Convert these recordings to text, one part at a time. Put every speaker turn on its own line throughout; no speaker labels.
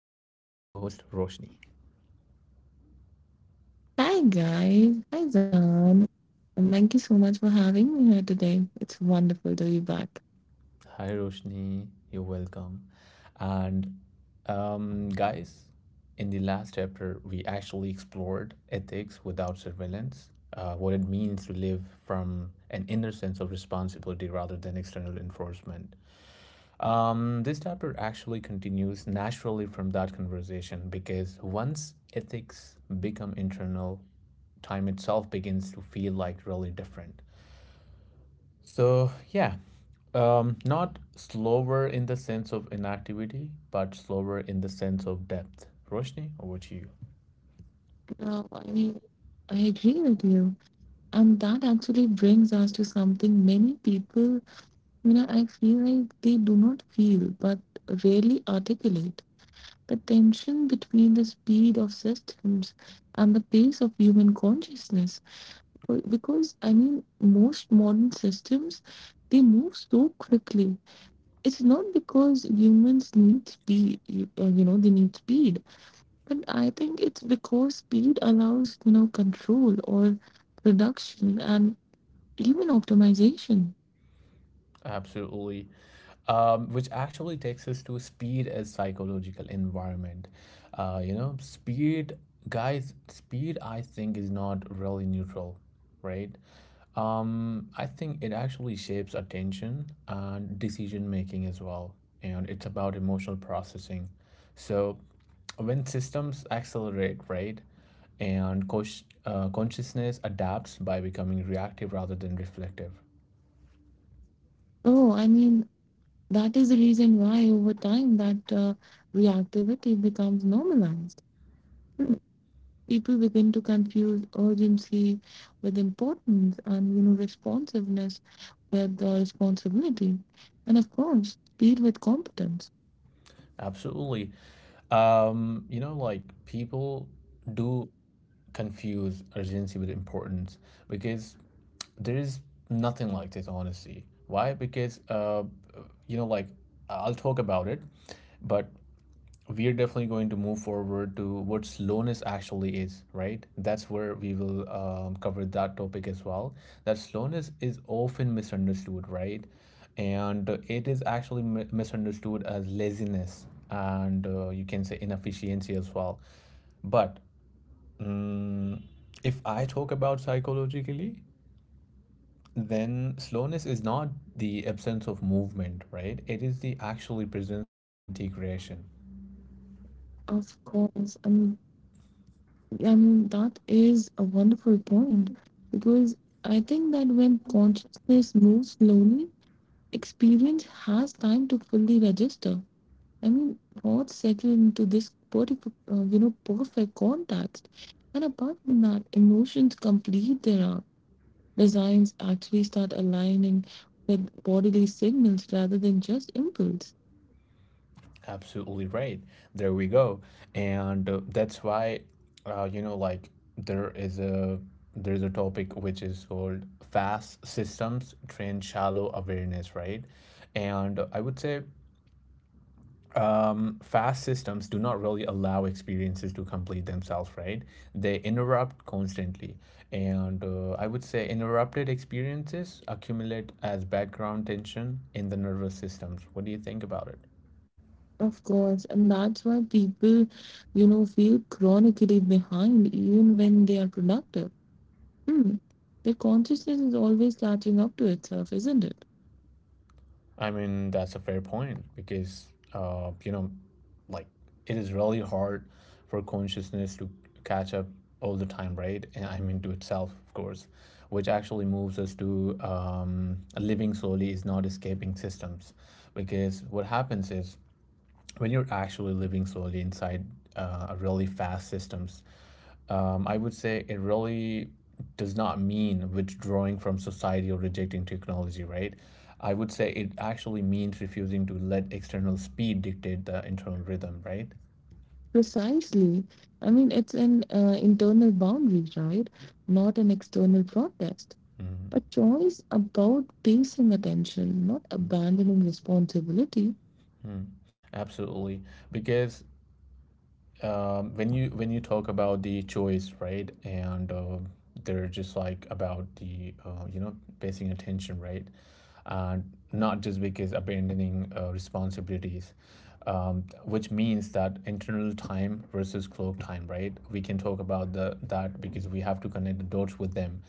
my co host Roshni.
Hi guys, hi Zan, and thank you so much for having me here today. It's wonderful to be back.
Hi, Roshni. You're welcome. And, Guys, in the last chapter, we actually explored ethics without surveillance, what it means to live from an inner sense of responsibility rather than external enforcement. This chapter actually continues naturally from that conversation because once ethics become internal, time itself begins to feel like really different. So, yeah, Not slower in the sense of inactivity, but slower in the sense of depth. Roshni, over to you.
No, I mean, I agree with you, and that actually brings us to something many people, you know, I feel like they do not feel but rarely articulate the tension between the speed of systems and the pace of human consciousness. Because I mean, most modern systems they move so quickly. It's not because humans need speed, you know they need speed, but I think it's because speed allows, you know, control or production and even optimization.
Absolutely. Which actually takes us to speed as psychological environment. You know, speed, guys, speed I think is not really neutral, right? I think it actually shapes attention and decision making as well. And it's about emotional processing. So when systems accelerate, right? And consciousness adapts by becoming reactive rather than reflective.
Oh, I mean, that is the reason why over time that reactivity becomes normalized. Hmm. People begin to confuse urgency with importance, and you know, responsiveness with responsibility, and of course speed with competence.
Absolutely. You know, like people do confuse urgency with importance because there is nothing like this, honestly. Why? Because, you know, like I'll talk about it, but we are definitely going to move forward to what slowness actually is, right? That's where we will cover that topic as well. That slowness is often misunderstood, right? And it is actually misunderstood as laziness and you can say inefficiency as well. But um, if I talk about psychologically, then slowness is not the absence of movement, right? It is the actually presence of integration.
Of course, and I mean, that is a wonderful point because I think that when consciousness moves slowly, experience has time to fully register. I mean, thoughts settle into this perfect, you know, perfect context, and apart from that, emotions complete their arc. Designs actually start aligning with bodily signals rather than just impulse.
Absolutely right. There we go. And that's why, you know, like there is a there is a topic which is called fast systems train shallow awareness, right? And I would say fast systems do not really allow experiences to complete themselves, right? They interrupt constantly. And I would say interrupted experiences accumulate as background tension in the nervous systems. What do you think about it?
Of course, and that's why people, you know, feel chronically behind even when they are productive. Hmm. The consciousness is always catching up to itself, isn't it?
That's a fair point because, like it is really hard for consciousness to catch up all the time, right? And I mean, to itself, of course, which actually moves us to living slowly is not escaping systems. Because what happens is when you're actually living slowly inside a really fast systems, I would say it really does not mean withdrawing from society or rejecting technology, right? I would say it actually means refusing to let external speed dictate the internal rhythm, right?
Precisely. I mean, it's an internal boundary, right? Not an external protest.
hmm
A choice about pacing attention, not abandoning responsibility.
Absolutely, because when you talk about the choice, right, and they're just like about the you know pacing attention, right? And not just because abandoning responsibilities, which means that internal time versus clock time, right? We can talk about the that because we have to connect the dots with them.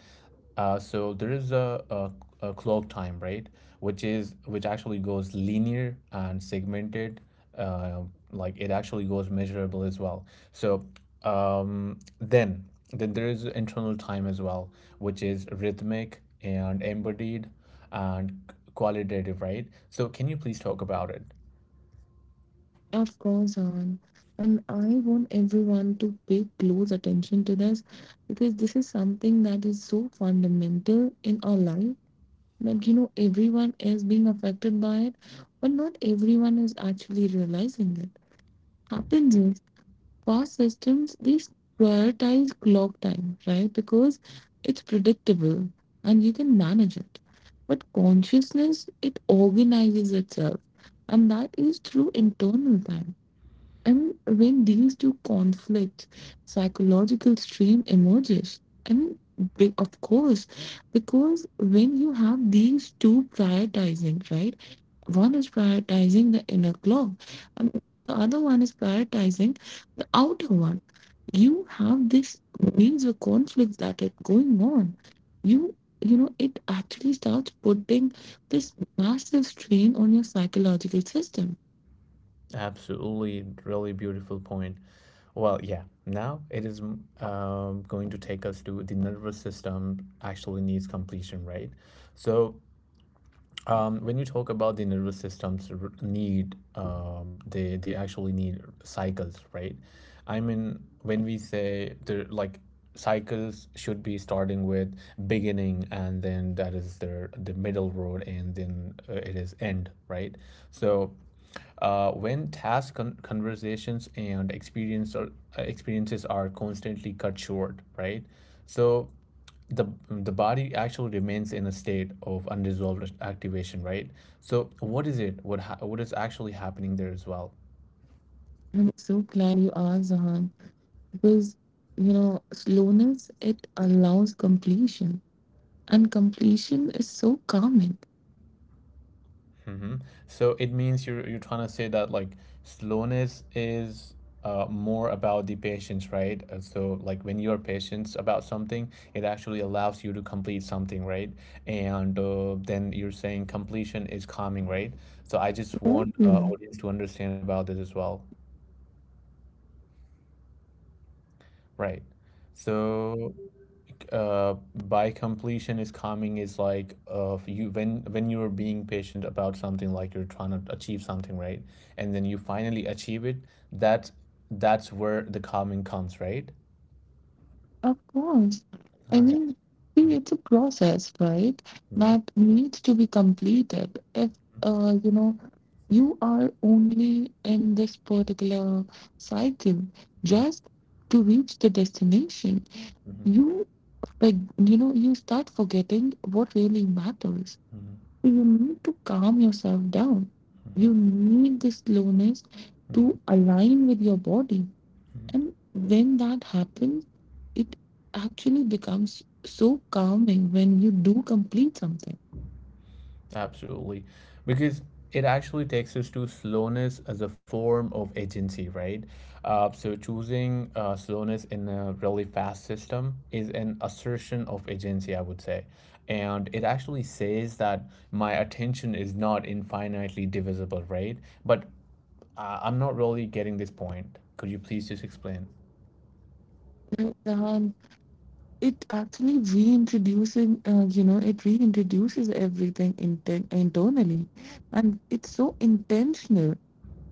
So there is a clock time, right, which actually goes linear and segmented, uh, like it actually goes measurable as well. So, um, then then there is internal time as well, which is rhythmic and embodied and qualitative, right? So, can you please talk about it?
Of course, on. And I want everyone to pay close attention to this because this is something that is so fundamental in our life that you know everyone is being affected by it but not everyone is actually realizing it happens is fast systems they prioritize clock time, right? Because it's predictable and you can manage it, but consciousness, it organizes itself, and that is through internal time. And when these two conflict, psychological strain emerges. I mean, of course, because when you have these two prioritizing, right? One is prioritizing the inner clock, and the other one is prioritizing the outer one. You have this major conflicts that are going on. You you know, it actually starts putting this massive strain on your psychological system.
Absolutely, really beautiful point. Now it is going to take us to the nervous system actually needs completion, right? So, when we talk about the nervous need, they actually need cycles, right? I mean, when we say the like cycles should be starting with beginning and then that is the middle road and then it is end, right? So, when conversations and experiences are constantly cut short, right? So the body actually remains in a state of unresolved activation, right? So what is it, what is actually happening there as well?
I'm so glad you are, Zahan. Because you know, slowness, it allows completion, and completion is so calming.
hmm so it means you're trying to say that like slowness is more about the patience, right? So like when you're patient about something, it actually allows you to complete something, right? And then you're saying completion is calming, right? So I just want
Mhm.
audience to understand about this as well, right? So, uh, by completion is coming is like you when you're being patient about something, like you're trying to achieve something, right? And then you finally achieve it. That, that's where the calming comes, right?
Of course, I
All right.
mean, see,
Mm-hmm.
it's a process, right?
Mm-hmm.
That needs to be completed. If you know, you are only in this particular cycle just to reach the destination,
Mm-hmm. Mm-hmm.
you like you know you start forgetting what really matters.
Mm-hmm.
You need to calm yourself down.
Mm-hmm.
You need the slowness
Mm-hmm.
to align with your body. And when that happens, it actually becomes so calming when you do complete something.
Absolutely. Because it actually takes us to slowness as a form of agency, right? So choosing slowness in a really fast system is an assertion of agency, I would say. And it actually says that my attention is not infinitely divisible, right? But I'm not really getting this point. Could you please just explain?
And, it actually reintroducing, you know, it reintroduces everything internally. And it's so intentional.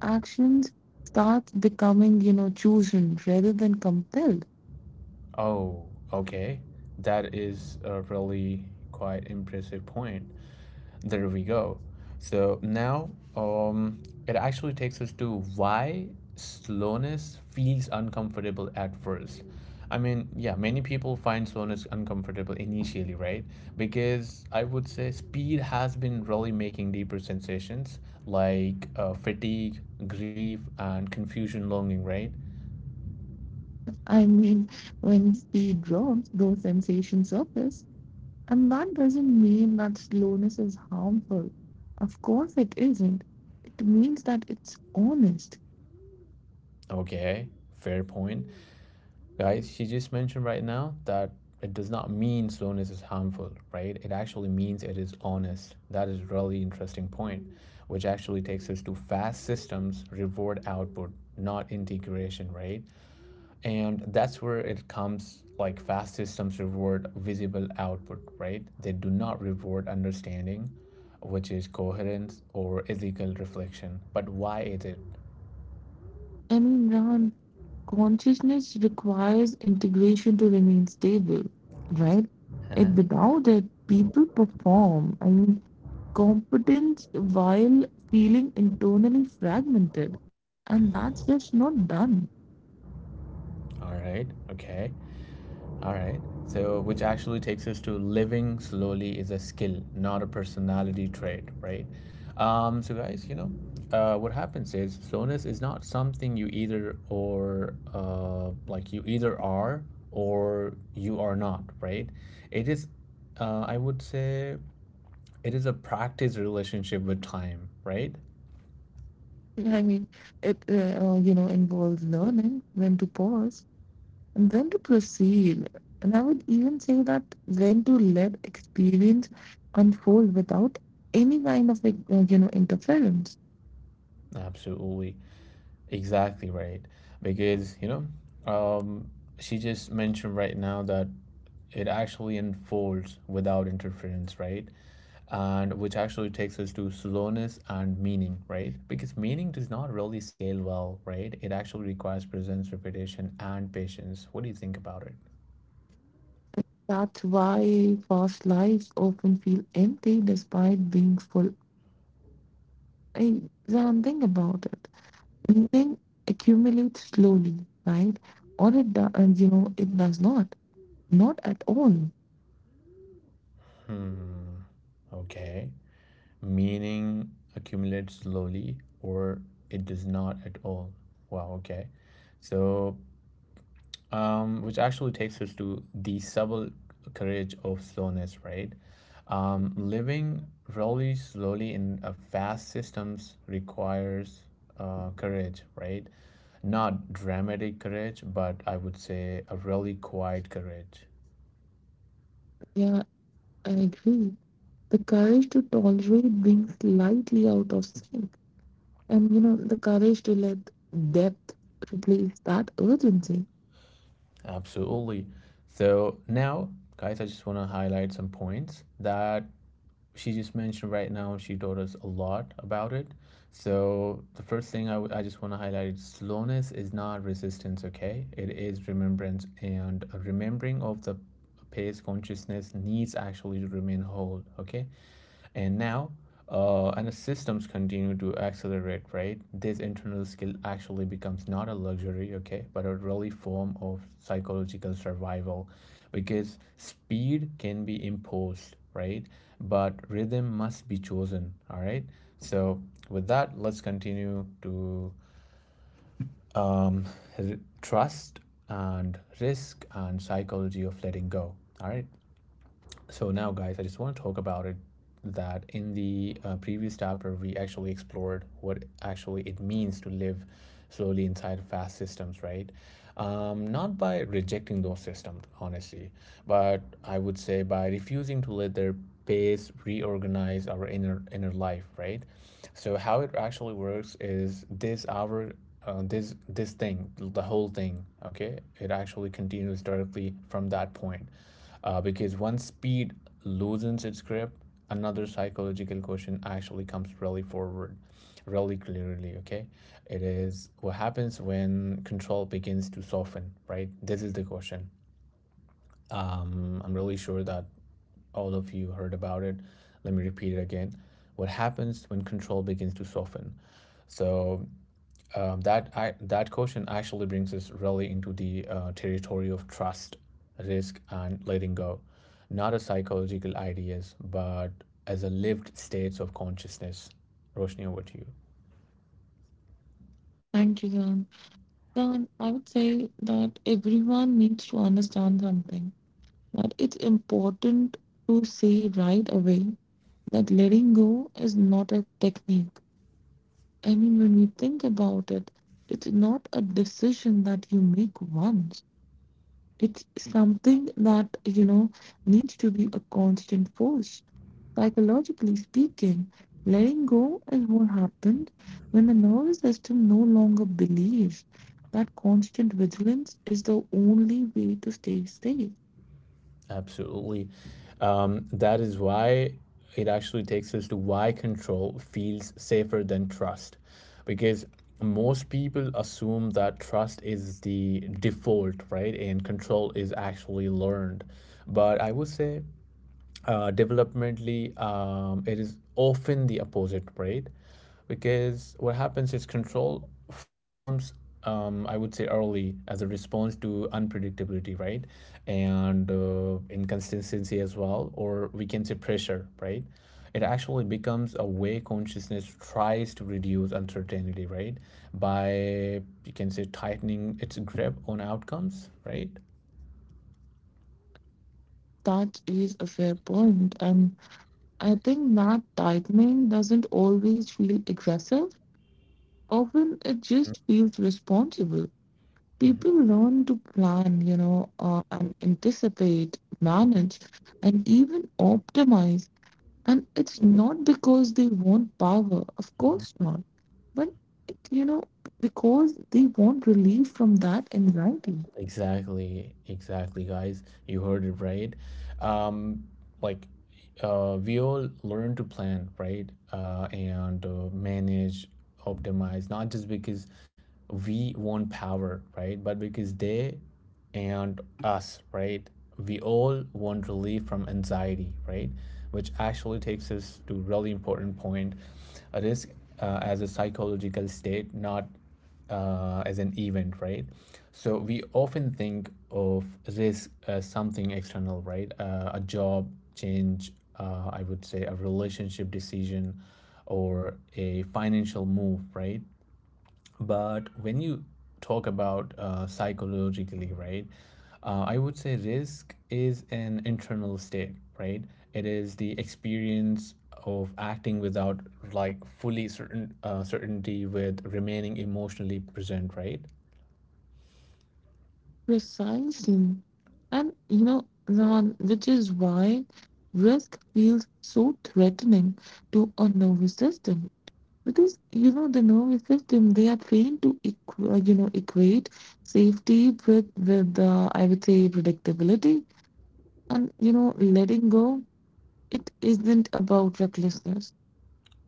Actions start becoming, you know, chosen rather than compelled.
Oh, okay. That is a really quite impressive point. There we go. So now it actually takes us to why slowness feels uncomfortable at first. I mean, yeah, many people find slowness uncomfortable initially, right? Because I would say speed has been really making deeper sensations like fatigue, grief, and confusion longing, right?
I mean, when speed drops, those sensations surface, and that doesn't mean that slowness is harmful. Of course, it isn't. It means that it's honest.
Okay, fair point. Guys, she just mentioned right now that it does not mean slowness is harmful, right? It actually means it is honest. That is really interesting point, which actually takes us to fast systems reward output, not integration, right? And that's where it comes like fast systems reward visible output, right? They do not reward understanding, which is coherence or ethical reflection. But why is it?
I mean, Ron, consciousness requires integration to remain stable, right? And without it, people perform. I mean, competence while feeling internally fragmented, and that's just not done.
All right. Okay. All right. So, which actually takes us to living slowly is a skill, not a personality trait, right? So, guys, you know, what happens is slowness is not something you either are or you are not, right? It is, I would say, it is a practice relationship with time, right?
I mean, it you know, involves learning when to pause and when to proceed. And I would even say that when to let experience unfold without any kind of like, you know, interference.
Absolutely. Exactly right. Because, um, she just mentioned right now that it actually unfolds without interference, right? And which actually takes us to slowness and meaning, right? Because meaning does not really scale well, right? It actually requires presence, repetition, and patience. What do you think about it?
That's why fast lives often feel empty despite being full. I don't think about it. Meaning accumulates slowly, right? Or it do, and you know it does not, not at all.
Hmm. Okay. Meaning accumulates slowly or it does not at all. Wow. Okay. So which actually takes us to the subtle courage of slowness, right? Living really slowly in a fast systems requires courage, right? Not dramatic courage, but I would say a really quiet courage.
Yeah, I agree. The courage to tolerate being slightly out of sync, and you know, the courage to let depth replace that urgency.
Absolutely. So now, guys, I just want to highlight some points that she just mentioned right now. She taught us a lot about it. So the first thing I just want to highlight is slowness is not resistance, okay? It is remembrance and a remembering of the pace consciousness needs actually to remain whole, okay? And now, and as systems continue to accelerate, right? This internal skill actually becomes not a luxury, okay, but a really form of psychological survival because speed can be imposed, right? But rhythm must be chosen, all right? So, with that, let's continue to um, trust and risk and psychology of letting go, all right? So now, guys, I just want to talk about it that in the previous chapter we actually explored what actually it means to live slowly inside fast systems, right? Not by rejecting those systems, honestly, but I would say by refusing to let their pace reorganize our inner life, right? So how it actually works is this our , this thing, the whole thing, okay? It actually continues directly from that point because once speed loosens its grip, another psychological question actually comes really forward, really clearly, okay? It is what happens when control begins to soften, right? This is the question. I'm really sure that all of you heard about it. Let me repeat it again. What happens when control begins to soften? So that question actually brings us really into the territory of trust, risk, and letting go, not as psychological ideas, but as a lived states of consciousness. Roshni, over to you.
Thank you, Jan. Jan, I would say that everyone needs to understand something, that it's important to say right away, that letting go is not a technique. I mean, when we think about it, it's not a decision that you make once. It's something that, you know, needs to be a constant force. Psychologically speaking, letting go is what happens when the nervous system no longer believes that constant vigilance is the only way to stay safe.
Absolutely, that is why it actually takes us to why control feels safer than trust, because most people assume that trust is the default, right, and control is actually learned. But I would say developmentally, it is often the opposite, right? Because what happens is control forms, I would say, early as a response to unpredictability, right? And inconsistency as well, or we can say pressure, right? It actually becomes a way consciousness tries to reduce uncertainty, right? By, you can say, tightening its grip on outcomes, right?
That is a fair point, and I think that tightening doesn't always feel aggressive. Often it just feels responsible.
Mhm.
People learn to plan, you know, and anticipate, manage, and even optimize. And it's not because they want power, of course not. But, it, you know, because they want relief from that anxiety.
Exactly, exactly, guys. You heard it right. Um, like, we all learn to plan, right? And Manage, optimize, not just because we want power, right? But because they and us, right? We all want relief from anxiety, right? Which actually takes us to really important point. A risk as a psychological state, not as an event, right? So we often think of risk as something external, right? A job change, I would say a relationship decision, or a financial move, right? But when you talk about psychologically, right, I would say risk is an internal state, right? It is the experience of acting without fully certain certainty with remaining emotionally present, right?
Precisely. And, you know, Rahan, which is why risk feels so threatening to a nervous system. Because, you know, the nervous system, they are trained to, you know, equate safety with I would say, predictability. And, you know, letting go, it isn't about recklessness.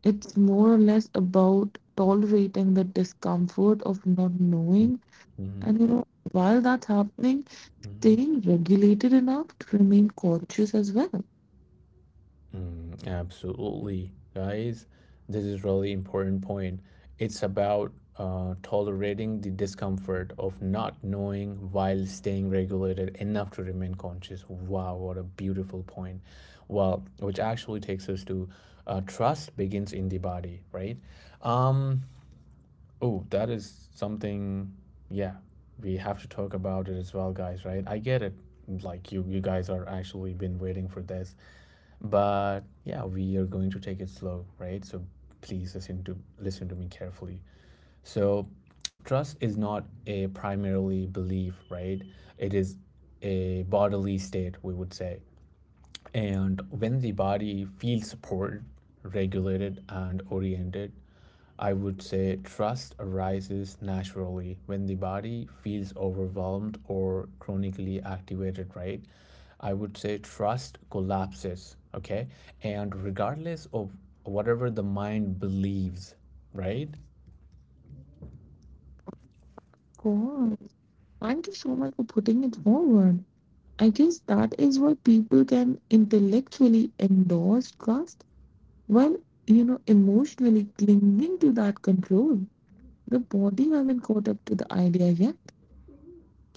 It's more or less about tolerating the discomfort of not knowing.
Hmm.
And you know, while that's happening, staying regulated enough to remain cautious as well. Of
Mm, absolutely, guys. This is really important point. It's about tolerating the discomfort of not knowing while staying regulated enough to remain conscious. Wow, what a beautiful point. Well, which actually takes us to trust begins in the body, right? Um, oh, that is something. Yeah, we have to talk about it as well, guys. Right? I get it. Like you guys are actually been waiting for this, but yeah, we are going to take it slow, right? So please listen to me carefully. So trust is not a primarily belief, right? It is a bodily state, we would say. And when the body feels supported, regulated, and oriented, I would say trust arises naturally. When the body feels overwhelmed or chronically activated, right? I would say trust collapses, okay? And regardless of whatever the mind believes, right?
course. Thank you so much for putting it forward. I guess that is why people can intellectually endorse trust while, you know, emotionally clinging to that control. The body hasn't caught up to the idea yet.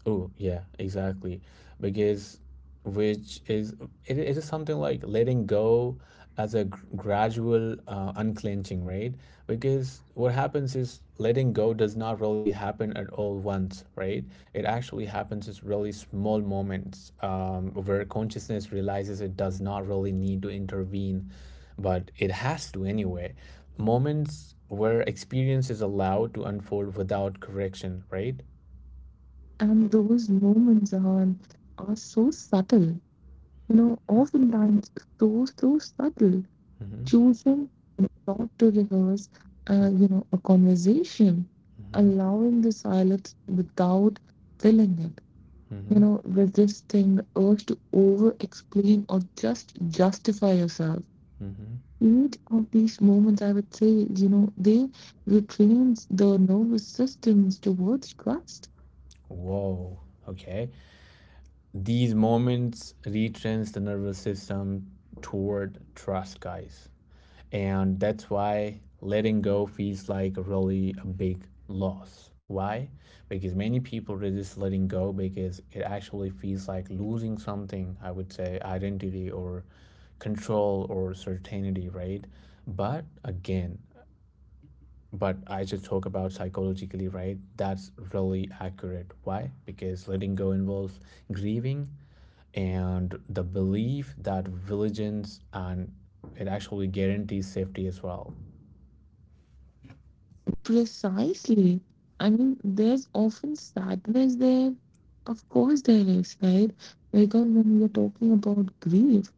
Oh, yeah, exactly. Because which is it is something like letting go as a gradual unclenching, right? Because what happens is letting go does not really happen at all once, right? It actually happens in really small moments where consciousness realizes it does not really need to intervene, but it has to anyway. Moments where experience is allowed to unfold without correction, right?
And those moments are so subtle, you know, oftentimes so, so subtle,
Mm-hmm.
choosing not to rehearse, you know, a conversation,
Mm-hmm.
allowing the silence without filling it,
Mm-hmm.
you know, resisting the urge to over explain or just justify yourself.
Mm-hmm.
Each of these moments, I would say, you know, they retrains the nervous systems towards trust.
Whoa. Okay. These moments retrains the nervous system toward trust, guys. And that's why letting go feels like really a big loss. Why? Because many people resist letting go because it actually feels like losing something, I would say, identity or control or certainty, right? But again, but I just talk about psychologically, right? That's really accurate. Why? Because letting go involves grieving and the belief that vigilance and it actually guarantees safety as well.
Precisely. I mean, there's often sadness there. Of course, there is, right? Because when we're talking about grief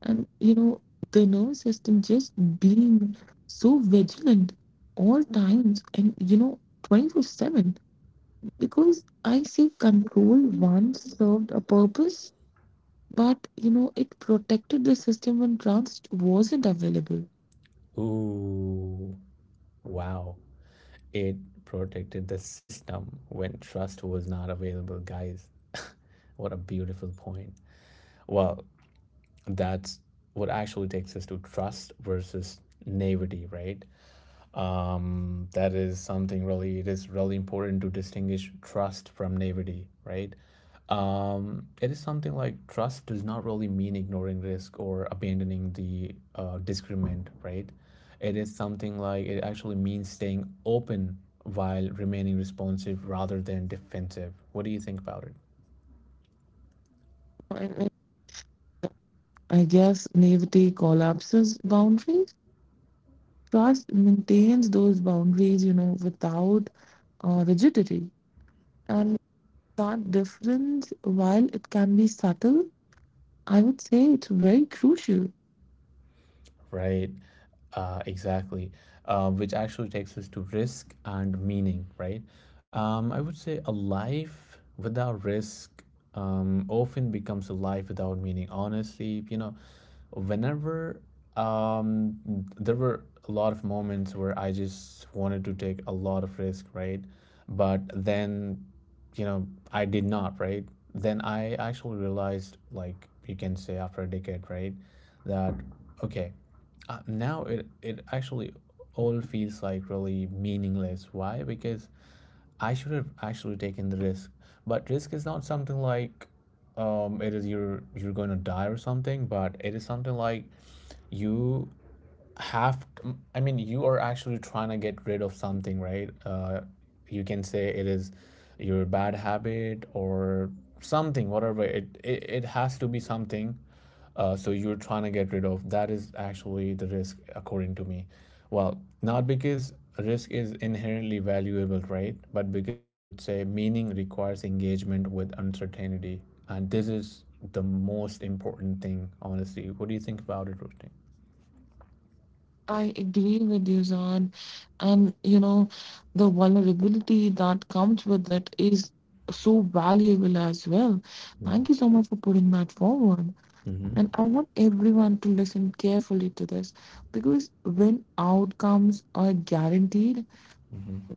and, you know, the nervous system just being so vigilant all times and, you know, 24/7, because I say control once served a purpose, but, you know, it protected the system when trust wasn't available.
Ooh, wow. It protected the system when trust was not available, guys. What a beautiful point. Well, that's what actually takes us to trust versus naivety, right? That is something really, it is really important to distinguish trust from naivety, right? It is something like trust does not really mean ignoring risk or abandoning the discernment, right? It is something like it actually means staying open while remaining responsive rather than defensive. What do you think about it?
I I guess naivety collapses boundaries. Trust maintains those boundaries, you know, without rigidity. And that difference, while it can be subtle, I would say it's very crucial.
Right. Exactly. Which actually takes us to risk and meaning, right? I would say a life without risk often becomes a life without meaning. Honestly, you know, whenever um, there were a lot of moments where I just wanted to take a lot of risk, right? But then, you know, I did not, right? Then I actually realized, like you can say after a decade, right, that okay, now it actually all feels like really meaningless. Why? Because I should have actually taken the risk. But risk is not something like, it is you're going to die or something, but it is something like you have to, I mean, you are actually trying to get rid of something, right? You can say it is your bad habit or something, whatever. It has to be something. So you're trying to get rid of that is actually the risk, according to me. Well, not because risk is inherently valuable, right? But because I would say meaning requires engagement with uncertainty, and this is the most important thing, honestly. What do you think about it, Rushdie?
I agree with you, Zan. And, you know, the vulnerability that comes with it is so valuable as well. Thank you so much for putting that forward. And I want everyone to listen carefully to this, because when outcomes are guaranteed,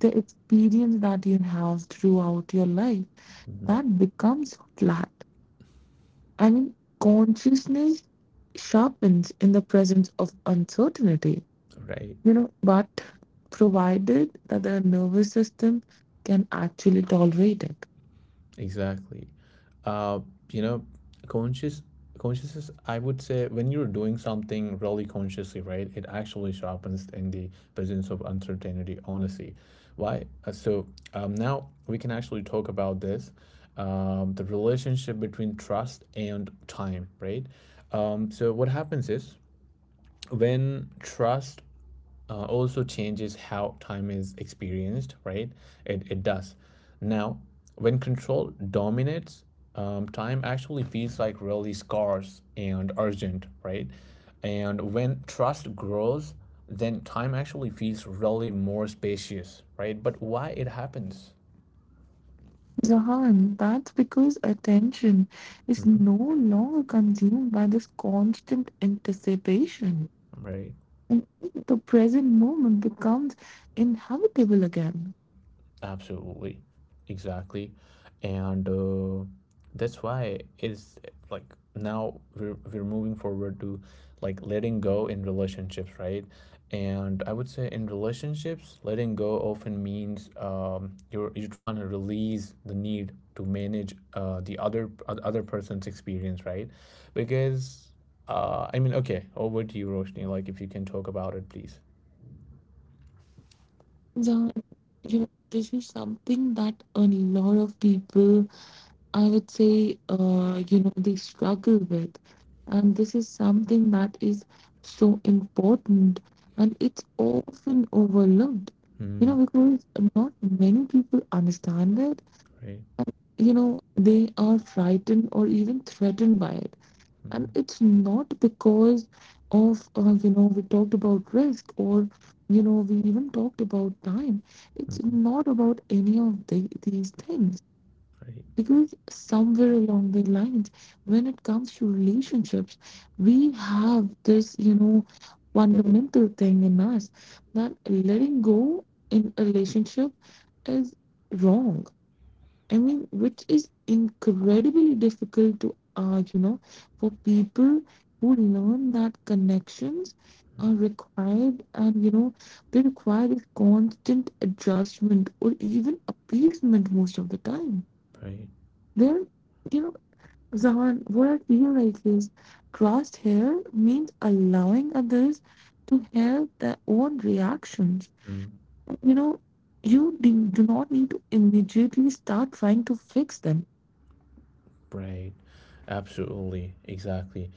the experience that you have throughout your life,
Mhm.
that becomes flat. I mean, consciousness sharpens in the presence of uncertainty,
Right,
you know, but provided that the nervous system can actually tolerate it.
exactly. Uh, you know, conscious consciousness, I would say when you're doing something really consciously, right, it actually sharpens in the presence of uncertainty, honestly. Why? So now we can actually talk about this, the relationship between trust and time, right? So what happens is when trust also changes how time is experienced, right? It does. Now, when control dominates, time actually feels like really scarce and urgent, right? And when trust grows, then time actually feels really more spacious, right? But why it happens,
Zahan, that's because attention is
mhm,
no longer consumed by this constant anticipation.
right?
And the present moment becomes inhabitable again.
Absolutely, exactly, and that's why it's like now we're moving forward to like letting go in relationships, right? And I would say in relationships, letting go often means you're trying to release the need to manage the other person's experience, right? Because I mean, okay, over to you, Roshni. Like, if you can talk about it, please.
Zan, you know, this is something that a lot of people, I would say, you know, they struggle with. And this is something that is so important, and it's often overlooked, you
Mm-hmm.
know, because not many people understand it.
Right.
You know, they are frightened or even threatened by it,
Mm-hmm.
and it's not because of you know, we talked about risk, or you know, we even talked about time. It's
Mm-hmm.
not about any of the, these things,
Right.
because somewhere along the lines, when it comes to relationships, we have this, you know, fundamental thing in us that letting go in a relationship is wrong. I mean, which is incredibly difficult to, you know, for people who learn that connections are required and, you know, they require this constant adjustment or even appeasement most of the time.
Right.
There, you know, Zahan, what I feel like is trust here means allowing others to have their own reactions.
Mm,
You know, you do not need to immediately start trying to fix them.
right. Absolutely. Exactly.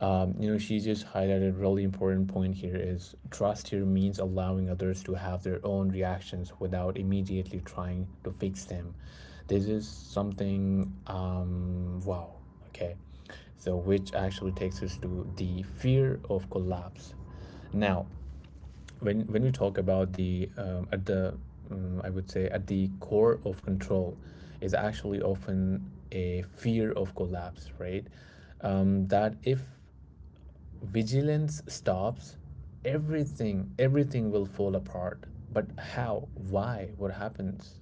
You know, she just highlighted a really important point here is trust here means allowing others to have their own reactions without immediately trying to fix them. This is something, wow. Okay. So, which actually takes us to the fear of collapse. Now, when we talk about the at the I would say at the core of control is actually often a fear of collapse, right? That if vigilance stops, everything will fall apart. But how? Why? What happens?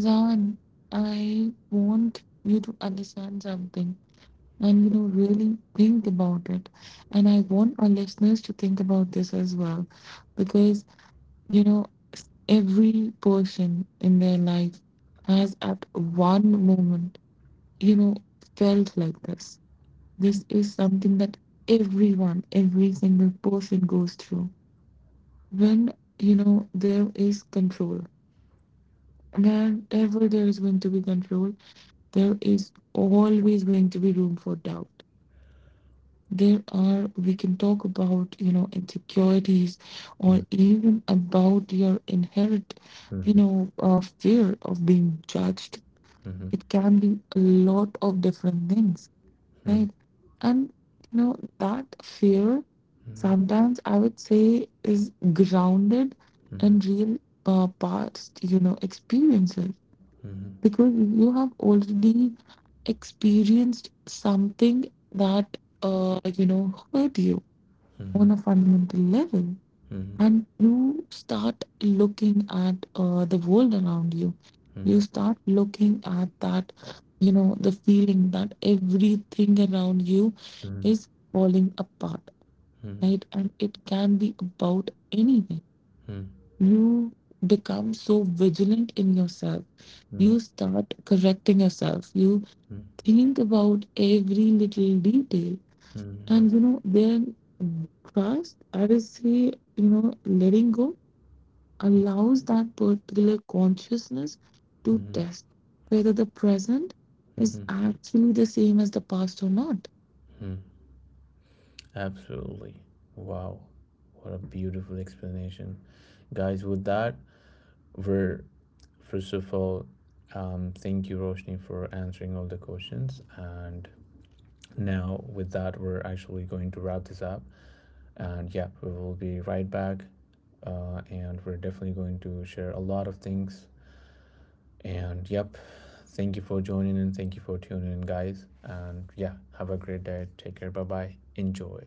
Zan, I want you to understand something, and you know, really think about it. And I want our listeners to think about this as well, because you know, every person in their life has at one moment, you know, felt like this. This is something that everyone, every single person goes through when you know there is control. Whenever there is going to be control, there is always going to be room for doubt. There are, we can talk about, you know, insecurities,
Yeah.
or even about your inherent, you
Mm-hmm.
know, fear of being judged.
Mm-hmm.
It can be a lot of different things,
Mm-hmm.
right? And you know, that fear sometimes, I would say, is grounded
Mm-hmm.
in real, past, you know, experiences,
Mm-hmm.
because you have already experienced something that you know, hurt you
Mm-hmm. Mm-hmm.
on a fundamental level.
Mm-hmm. Mm-hmm.
And you start looking at the world around you, you start looking at that, you know, the feeling that everything around you is falling apart, right? And it can be about anything. You become so vigilant in yourself, you start correcting yourself, you
Mm-hmm.
think about every little detail,
Mm-hmm. Mm-hmm.
and you know, then trust, I will say, you know, letting go allows that particular consciousness to
Mm-hmm.
test whether the present is
Mm-hmm.
actually the same as the past or not.
Hmm, absolutely. Wow. What a beautiful explanation. Guys, with that, we're first of all, thank you, Roshni, for answering all the questions. And now, with that, we're actually going to wrap this up. And yeah, we will be right back. And we're definitely going to share a lot of things. And yep, thank you for joining and thank you for tuning in, guys. And yeah, have a great day. Take care. Bye bye. Enjoy.